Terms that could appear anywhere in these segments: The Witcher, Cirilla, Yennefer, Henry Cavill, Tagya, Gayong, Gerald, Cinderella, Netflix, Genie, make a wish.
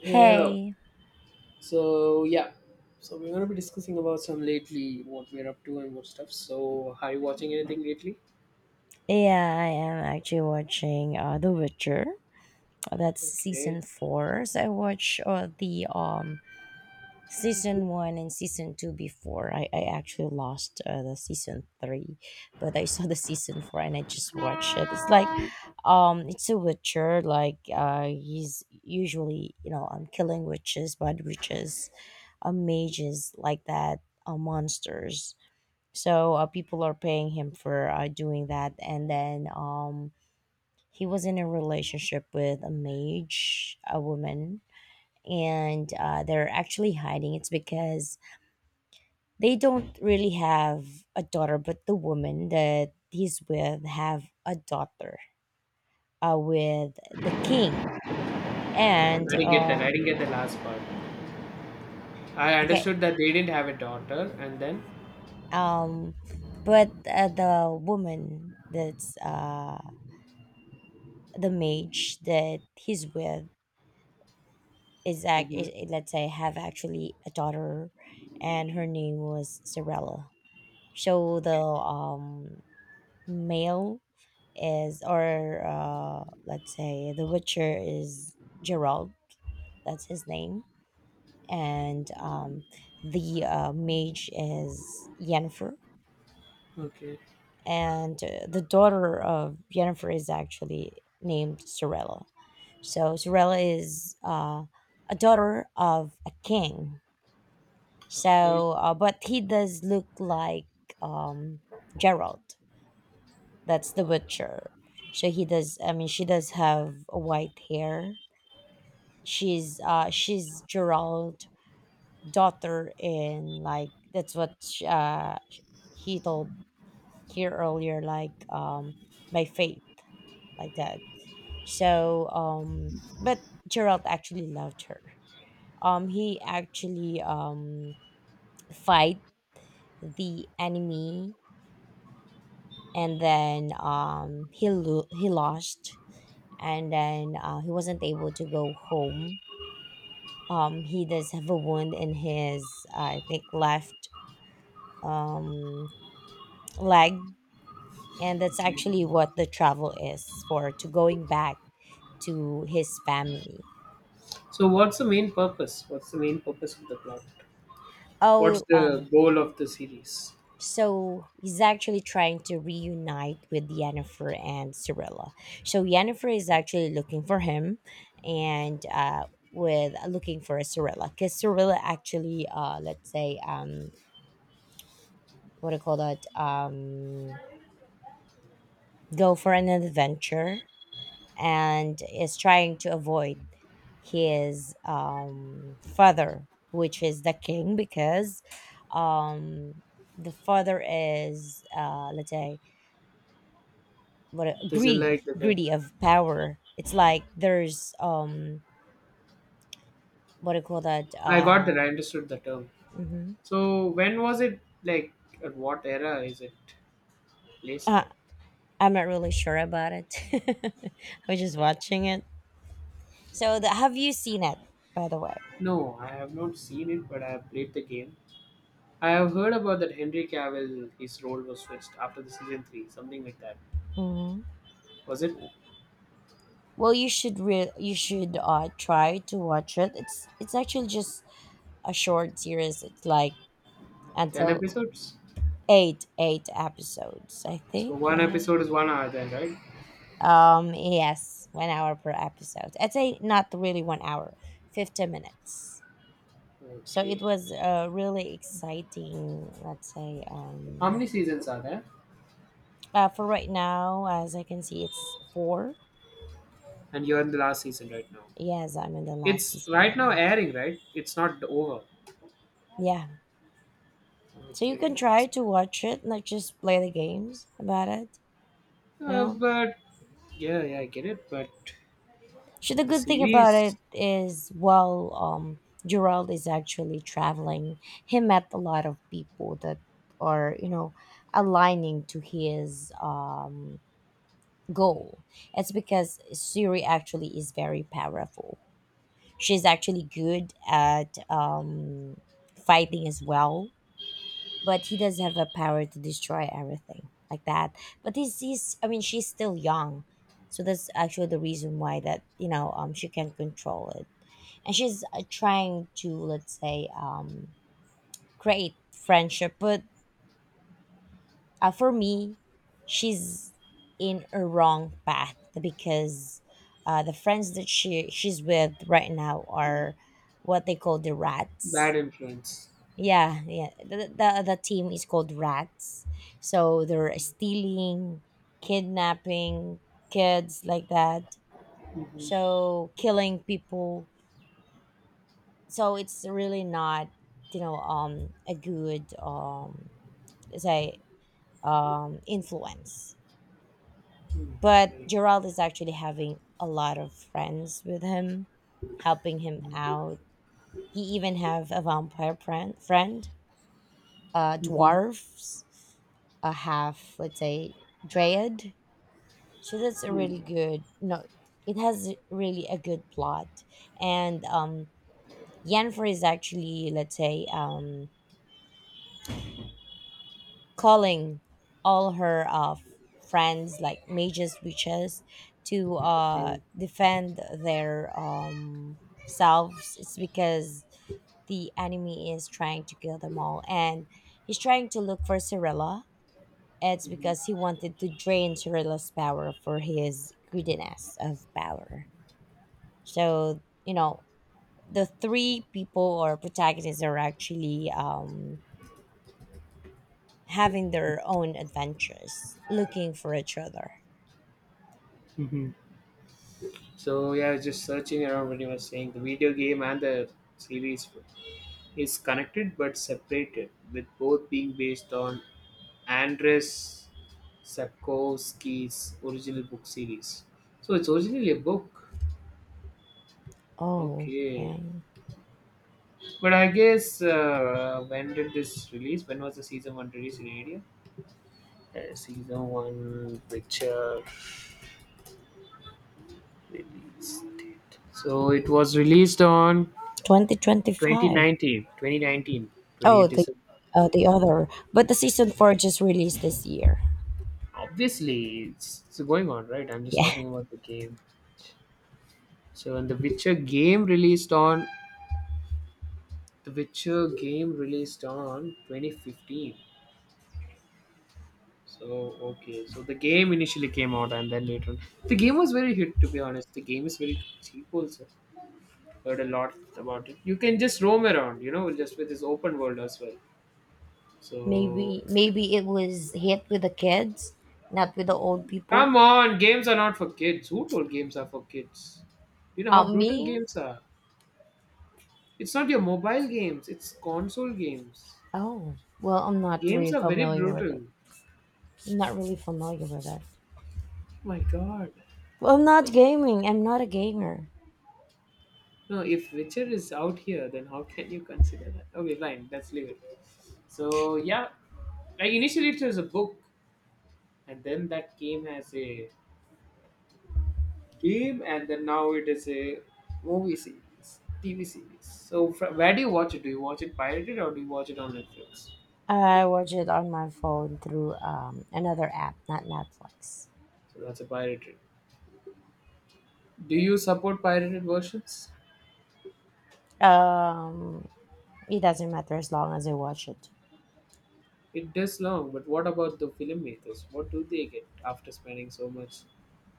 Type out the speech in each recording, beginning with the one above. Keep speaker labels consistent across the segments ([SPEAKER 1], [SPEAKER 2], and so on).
[SPEAKER 1] Hey, hello.
[SPEAKER 2] Hey,
[SPEAKER 1] So yeah, so we're gonna be discussing about some lately, what we're up to and what stuff. So are you watching anything lately?
[SPEAKER 2] yeah, I am actually watching The Witcher. That's
[SPEAKER 1] Okay,
[SPEAKER 2] season 4. So I watched the season 1 and season 2 before. I actually lost the season 3, but I saw the season 4 and I just watched it. It's like, it's a Witcher. He's usually killing witches, bad witches, mages like that, monsters, so people are paying him for doing that, and then he was in a relationship with a mage, a woman, and they're actually hiding. It's because they don't really have a daughter, but the woman that he's with have a daughter with the king.
[SPEAKER 1] I
[SPEAKER 2] And
[SPEAKER 1] didn't get that. I didn't get the last part. I
[SPEAKER 2] Okay.
[SPEAKER 1] understood that they didn't have a daughter, and then.
[SPEAKER 2] um but The woman that's the mage that he's with is
[SPEAKER 1] Hmm.
[SPEAKER 2] let's say have actually a daughter, and her name was Cinderella. So the male is, or let's say the witcher is Gerald, that's his name. And The mage is Yennefer,
[SPEAKER 1] Okay.
[SPEAKER 2] and the daughter of Yennefer is actually named Cinderella. So Cinderella is a daughter of a king.
[SPEAKER 1] Okay.
[SPEAKER 2] So, but he does look like um, Gerald. That's the butcher. So he does. I mean, she does have white hair. She's Gerald's daughter, in like, that's what he told here earlier. Like, by faith, like that. So but Gerald actually loved her. He actually fight the enemy, and then he lost, and then he wasn't able to go home. He does have a wound in his, I think, left um, leg, and that's actually what the travel is for, to going back to his family.
[SPEAKER 1] So what's the main purpose? What's the main purpose of the plot? What's
[SPEAKER 2] Oh,
[SPEAKER 1] the
[SPEAKER 2] um,
[SPEAKER 1] goal of the series?
[SPEAKER 2] So he's actually trying to reunite with Yennefer and Cirilla. So Yennefer is actually looking for him, and with looking for a Cirilla, because Cirilla actually, let's say, what do you call that? Go for an adventure, and is trying to avoid his father, which is the king, because um the father is, let's say,
[SPEAKER 1] Doesn't
[SPEAKER 2] greedy,
[SPEAKER 1] like the girl.
[SPEAKER 2] greedy of power. It's like there's what do you call that?
[SPEAKER 1] I got that. I understood the term.
[SPEAKER 2] Mhm.
[SPEAKER 1] So when was it like? At what era is it placed
[SPEAKER 2] uh
[SPEAKER 1] at?
[SPEAKER 2] I'm not really sure about it. I was just watching it. So the, have you seen it, by the way?
[SPEAKER 1] No, I have not seen it, but I have played the game. I have heard about that Henry Cavill, his role was switched after the season 3, something like that.
[SPEAKER 2] Hmm.
[SPEAKER 1] Was it
[SPEAKER 2] Well, you should you should try to watch it. It's actually just a short series. It's like,
[SPEAKER 1] 10
[SPEAKER 2] until
[SPEAKER 1] episodes?
[SPEAKER 2] eight episodes, I
[SPEAKER 1] So
[SPEAKER 2] think.
[SPEAKER 1] one
[SPEAKER 2] Yeah.
[SPEAKER 1] episode is 1 hour then, right?
[SPEAKER 2] Yes, 1 hour per episode. I'd say not really 1 hour, 50 minutes. So
[SPEAKER 1] Okay.
[SPEAKER 2] it was really exciting, let's say.
[SPEAKER 1] How many seasons are there?
[SPEAKER 2] For right now, as I can see, it's four.
[SPEAKER 1] And you're in the last season right now.
[SPEAKER 2] Yes, I'm in the last
[SPEAKER 1] It's
[SPEAKER 2] season
[SPEAKER 1] right
[SPEAKER 2] right
[SPEAKER 1] now
[SPEAKER 2] now.
[SPEAKER 1] airing, right? It's not over.
[SPEAKER 2] Yeah. So you can
[SPEAKER 1] Okay.
[SPEAKER 2] try to watch it, not just play the games about it. No?
[SPEAKER 1] But yeah, yeah, I get it. But
[SPEAKER 2] So the
[SPEAKER 1] the
[SPEAKER 2] good thing about
[SPEAKER 1] series,
[SPEAKER 2] it is, while Gerald is actually traveling, he met a lot of people that are, you know, aligning to his goal. It's because Siri actually is very powerful. She's actually good at fighting as well, but he does have a power to destroy everything like that. But he's, I mean, she's still young. So that's actually the reason why that you know she can't control it, and she's trying to, let's say, create friendship, but for me she's in a wrong path, because the friends that she's with right now
[SPEAKER 1] mm,
[SPEAKER 2] are what they call the
[SPEAKER 1] bad
[SPEAKER 2] rats.
[SPEAKER 1] influence.
[SPEAKER 2] Yeah, yeah, the team is called rats. So they're stealing, kidnapping kids like that,
[SPEAKER 1] Mm-hmm.
[SPEAKER 2] so killing people. So it's really not, you know, a good, say, influence. But Gerald is actually having a lot of friends with him, helping him out. He even have a vampire friend,
[SPEAKER 1] Mm-hmm.
[SPEAKER 2] dwarfs, a half, let's say, dryad. So that's a really
[SPEAKER 1] Mm-hmm.
[SPEAKER 2] good, no, it has really a good plot. And Yennefer is actually, let's say, calling all her friends, like mages, witches, to
[SPEAKER 1] Okay.
[SPEAKER 2] defend their selves. It's because the enemy is trying to kill them all, and he's trying to look for Cirilla. It's because he wanted to drain Cirilla's power for his greediness of power. So, you know, the three people or protagonists are actually having their own adventures, looking for each other.
[SPEAKER 1] Mhm. So yeah, I was just searching around when you were saying the video game and the series is connected but separated, with both being based on Andres Sapkowski's original book series. So it's originally a book.
[SPEAKER 2] Oh,
[SPEAKER 1] Okay,
[SPEAKER 2] okay.
[SPEAKER 1] but I guess when did this release? When was the season one release in India? Season one, picture release date. So it was released on
[SPEAKER 2] 2025.
[SPEAKER 1] 2019, 2019.
[SPEAKER 2] Oh, the other, but the season four just released this year.
[SPEAKER 1] Obviously it's going on right, I'm just
[SPEAKER 2] Yeah.
[SPEAKER 1] talking about the game. So when the Witcher game released on, the Witcher game released on 2015. So okay, so the game initially came out and then later on, the game was very hit, to be honest. The game is very cheap also. Heard a lot about it, you can just roam around, you know, just with this open world as well. So
[SPEAKER 2] Maybe it was hit with the kids, not with the old people.
[SPEAKER 1] come on, games are not for kids. Who told games are for kids? You know how brutal
[SPEAKER 2] Me?
[SPEAKER 1] games are. It's not your mobile games, it's console games.
[SPEAKER 2] Oh, well, I'm not
[SPEAKER 1] Games
[SPEAKER 2] really
[SPEAKER 1] are very
[SPEAKER 2] familiar with it.
[SPEAKER 1] brutal.
[SPEAKER 2] I'm not really familiar with it.
[SPEAKER 1] My god.
[SPEAKER 2] Well, I'm not gaming. I'm not a gamer.
[SPEAKER 1] No, if Witcher is out here, then how can you consider that? Okay, fine, let's leave it. So, yeah, like initially it was a book, and then that came as a game, and then now it is a movie series, TV series. So, fr- where do you watch it? Do you watch it pirated or do you watch it on Netflix?
[SPEAKER 2] I watch it on my phone through another app, not Netflix.
[SPEAKER 1] So, that's a pirated. Do you support pirated versions?
[SPEAKER 2] Um, it doesn't matter as long as I watch it.
[SPEAKER 1] It does long, but what about the filmmakers? What do they get after spending so much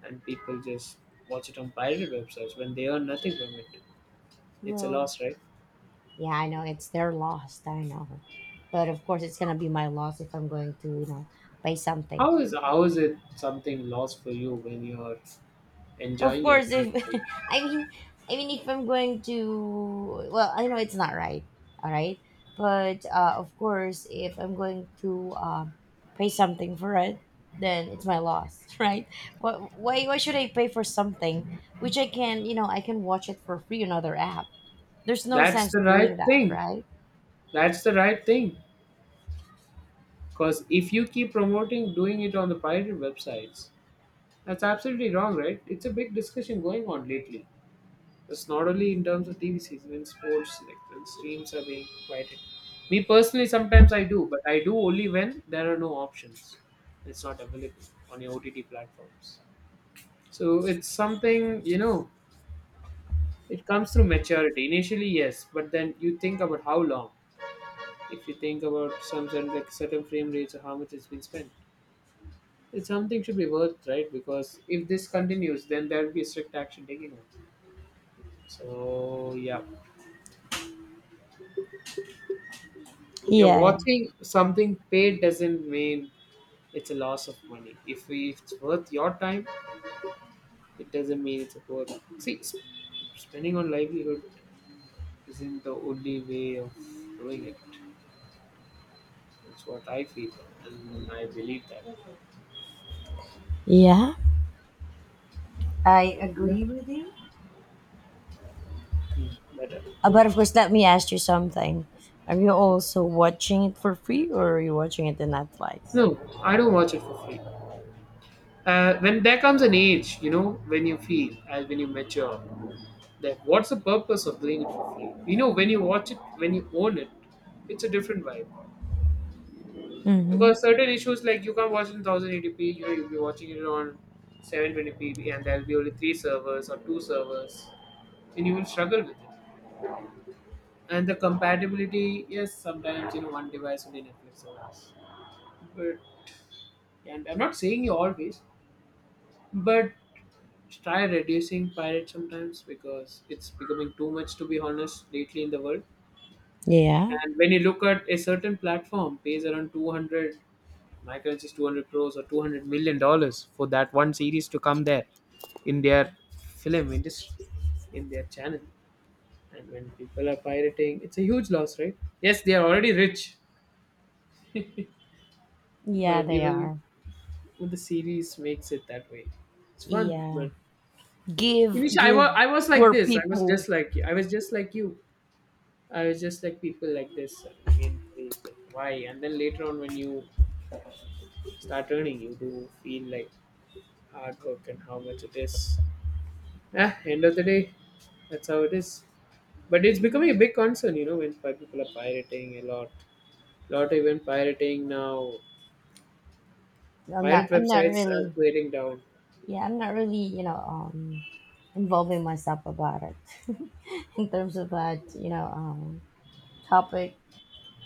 [SPEAKER 1] and people just watch it on pirate websites when they earn nothing from it? It's a
[SPEAKER 2] Well,
[SPEAKER 1] loss, right?
[SPEAKER 2] yeah, I know it's their loss. I know, but of course it's gonna be my loss if I'm going to, you know, buy something.
[SPEAKER 1] How is, how is it something lost for you when you're
[SPEAKER 2] Of
[SPEAKER 1] enjoying your
[SPEAKER 2] course, if
[SPEAKER 1] time?
[SPEAKER 2] I mean, I mean, if I'm going to, well, I know it's not right. All right, but of course, if I'm going to pay something for it, then it's my loss, right? What? Why? Why should I pay for something which I can, you know, I can watch it for free on other app? There's no
[SPEAKER 1] That's
[SPEAKER 2] sense
[SPEAKER 1] the
[SPEAKER 2] doing
[SPEAKER 1] right
[SPEAKER 2] that,
[SPEAKER 1] thing.
[SPEAKER 2] right?
[SPEAKER 1] That's the right thing. Because if you keep promoting doing it on the pirate websites, that's absolutely wrong, right? It's a big discussion going on lately. It's not only in terms of TV season, in sports, like the streams are being quieted. Me personally, sometimes I do, but I do only when there are no options. It's not available on your OTT platforms. So it's something, you know, it comes through maturity. Initially, yes, but then you think about how long. If you think about some certain, like certain frame rates or how much it's been spent, it's something should be worth, right? Because if this continues, then there will be strict action taken on. So yeah, you're
[SPEAKER 2] Yeah.
[SPEAKER 1] watching something paid doesn't mean it's a loss of money. If it's worth your time, it doesn't mean it's worth. See, sp- spending on livelihood isn't the only way of doing it. That's what I feel, and I believe that.
[SPEAKER 2] Yeah. I
[SPEAKER 1] So yeah,
[SPEAKER 2] agree with you.
[SPEAKER 1] hmm, better.
[SPEAKER 2] But of course, let me ask you something. Are you also watching it for free, or are you watching it in Netflix?
[SPEAKER 1] No, I don't watch it for free. When there comes an age, you know, when you feel as when you mature, that what's the purpose of doing it for free? You know, when you watch it, when you own it, it's a different vibe.
[SPEAKER 2] Mm-hmm.
[SPEAKER 1] Because certain issues like you can't watch in 1080p, you know, you'll be watching it on 720p, and there'll be only 3 servers or 2 servers, and you will struggle with it. And the compatibility, yes, sometimes you know one device only Netflix allows, but, and I'm not saying you always, but try reducing pirates sometimes because it's becoming too much, to be honest, lately in the world.
[SPEAKER 2] Yeah.
[SPEAKER 1] And when you look at a certain platform pays around 200, my currency is 200 crores or 200 million dollars for that one series to come there, in their film industry, in their channel. And when people are pirating, it's a huge loss, right? Yes, they are already rich,
[SPEAKER 2] Yeah,
[SPEAKER 1] but
[SPEAKER 2] they
[SPEAKER 1] even
[SPEAKER 2] are.
[SPEAKER 1] with the series makes it that way, it's fun.
[SPEAKER 2] Yeah.
[SPEAKER 1] But
[SPEAKER 2] Give,
[SPEAKER 1] initially I,
[SPEAKER 2] give
[SPEAKER 1] was I was like
[SPEAKER 2] poor
[SPEAKER 1] this, I was
[SPEAKER 2] people.
[SPEAKER 1] just like you I was just like you I was just like people like this in place, like why, and then later on when you start earning you do feel like hard work and how much it is. Eh, end of the day, that's how it is. But it's becoming a
[SPEAKER 2] Mm.
[SPEAKER 1] big concern, you know, when pi- people are pirating a lot. Lot even pirating now.
[SPEAKER 2] I'm not.
[SPEAKER 1] Pirate
[SPEAKER 2] I'm not
[SPEAKER 1] websites are
[SPEAKER 2] really.
[SPEAKER 1] clearing down.
[SPEAKER 2] Yeah, I'm not really. You know, involving myself about it in terms of that. You know, topic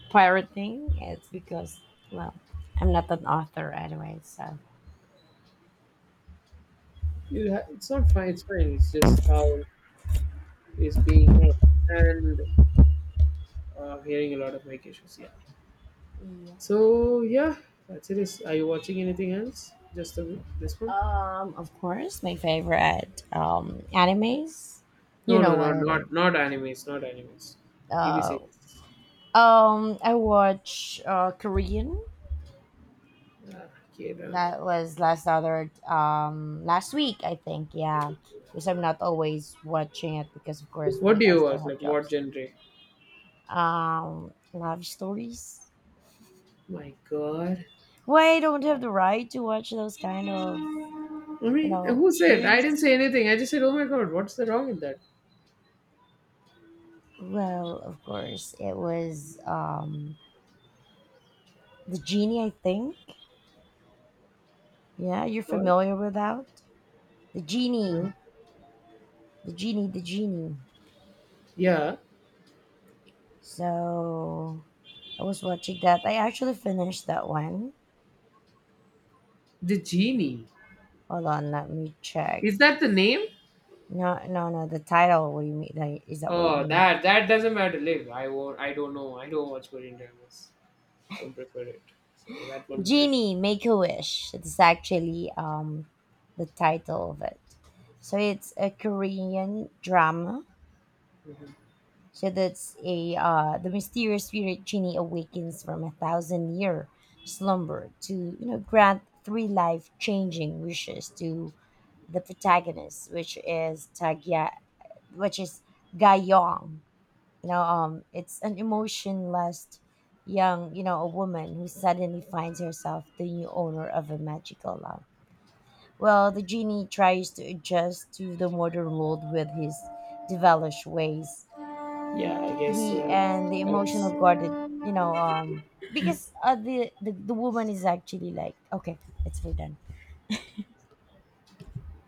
[SPEAKER 2] pirating. It's because, well, I'm not an author anyway, so.
[SPEAKER 1] You ha- it's not fine. It's fine. It's just how it's being run. And hearing a lot of mic issues. Yeah.
[SPEAKER 2] Yeah.
[SPEAKER 1] So yeah, that's it. Is are you watching anything else? Just the, this one?
[SPEAKER 2] Of course, my favorite animes. You
[SPEAKER 1] No, no,
[SPEAKER 2] know what
[SPEAKER 1] not
[SPEAKER 2] it is.
[SPEAKER 1] not not animes. Not animes. TV
[SPEAKER 2] Uh,
[SPEAKER 1] series.
[SPEAKER 2] I watch Korean.
[SPEAKER 1] Ah, K drama.
[SPEAKER 2] That was last other last week, I think. Yeah, because I'm not always watching it, because of course
[SPEAKER 1] What do
[SPEAKER 2] we I
[SPEAKER 1] you
[SPEAKER 2] still
[SPEAKER 1] watch?
[SPEAKER 2] have
[SPEAKER 1] Like what
[SPEAKER 2] jobs.
[SPEAKER 1] genre?
[SPEAKER 2] Love stories.
[SPEAKER 1] My God.
[SPEAKER 2] Why I don't have the right to watch those kind of,
[SPEAKER 1] I
[SPEAKER 2] you
[SPEAKER 1] mean,
[SPEAKER 2] know,
[SPEAKER 1] who said? I
[SPEAKER 2] series?
[SPEAKER 1] didn't say anything. I just said, "Oh my God, what's the wrong with that?"
[SPEAKER 2] Well, of course, it was The Genie, I think. Yeah, you're
[SPEAKER 1] Well,
[SPEAKER 2] familiar with that? The Genie.
[SPEAKER 1] no.
[SPEAKER 2] The Genie.
[SPEAKER 1] Yeah,
[SPEAKER 2] So I was watching that. I actually finished that one.
[SPEAKER 1] the genie.
[SPEAKER 2] Hold on, let me check.
[SPEAKER 1] Is that the name?
[SPEAKER 2] No, no, no. The title. What do you mean? Like, is that what you
[SPEAKER 1] Oh,
[SPEAKER 2] mean?
[SPEAKER 1] that that doesn't matter. Live. I won't. I don't know. I don't watch Korean dramas. Don't prefer it. So that won't matter.
[SPEAKER 2] Genie, Make a Wish. It's actually the title of it. So it's a Korean drama.
[SPEAKER 1] Mhm.
[SPEAKER 2] So that's a the mysterious spirit genie awakens from 1,000 year slumber to, you know, grant three life changing wishes to the protagonist, which is Tagya, which is Gayong. You know, it's an emotionless young, you know, a woman who suddenly finds herself the new owner of a magical lamp. Well, the genie tries to adjust to the modern world with his devilish ways,
[SPEAKER 1] Yeah, I guess
[SPEAKER 2] he and the emotional
[SPEAKER 1] that's
[SPEAKER 2] guarded, you know, because the woman is actually like, okay, it's, we're done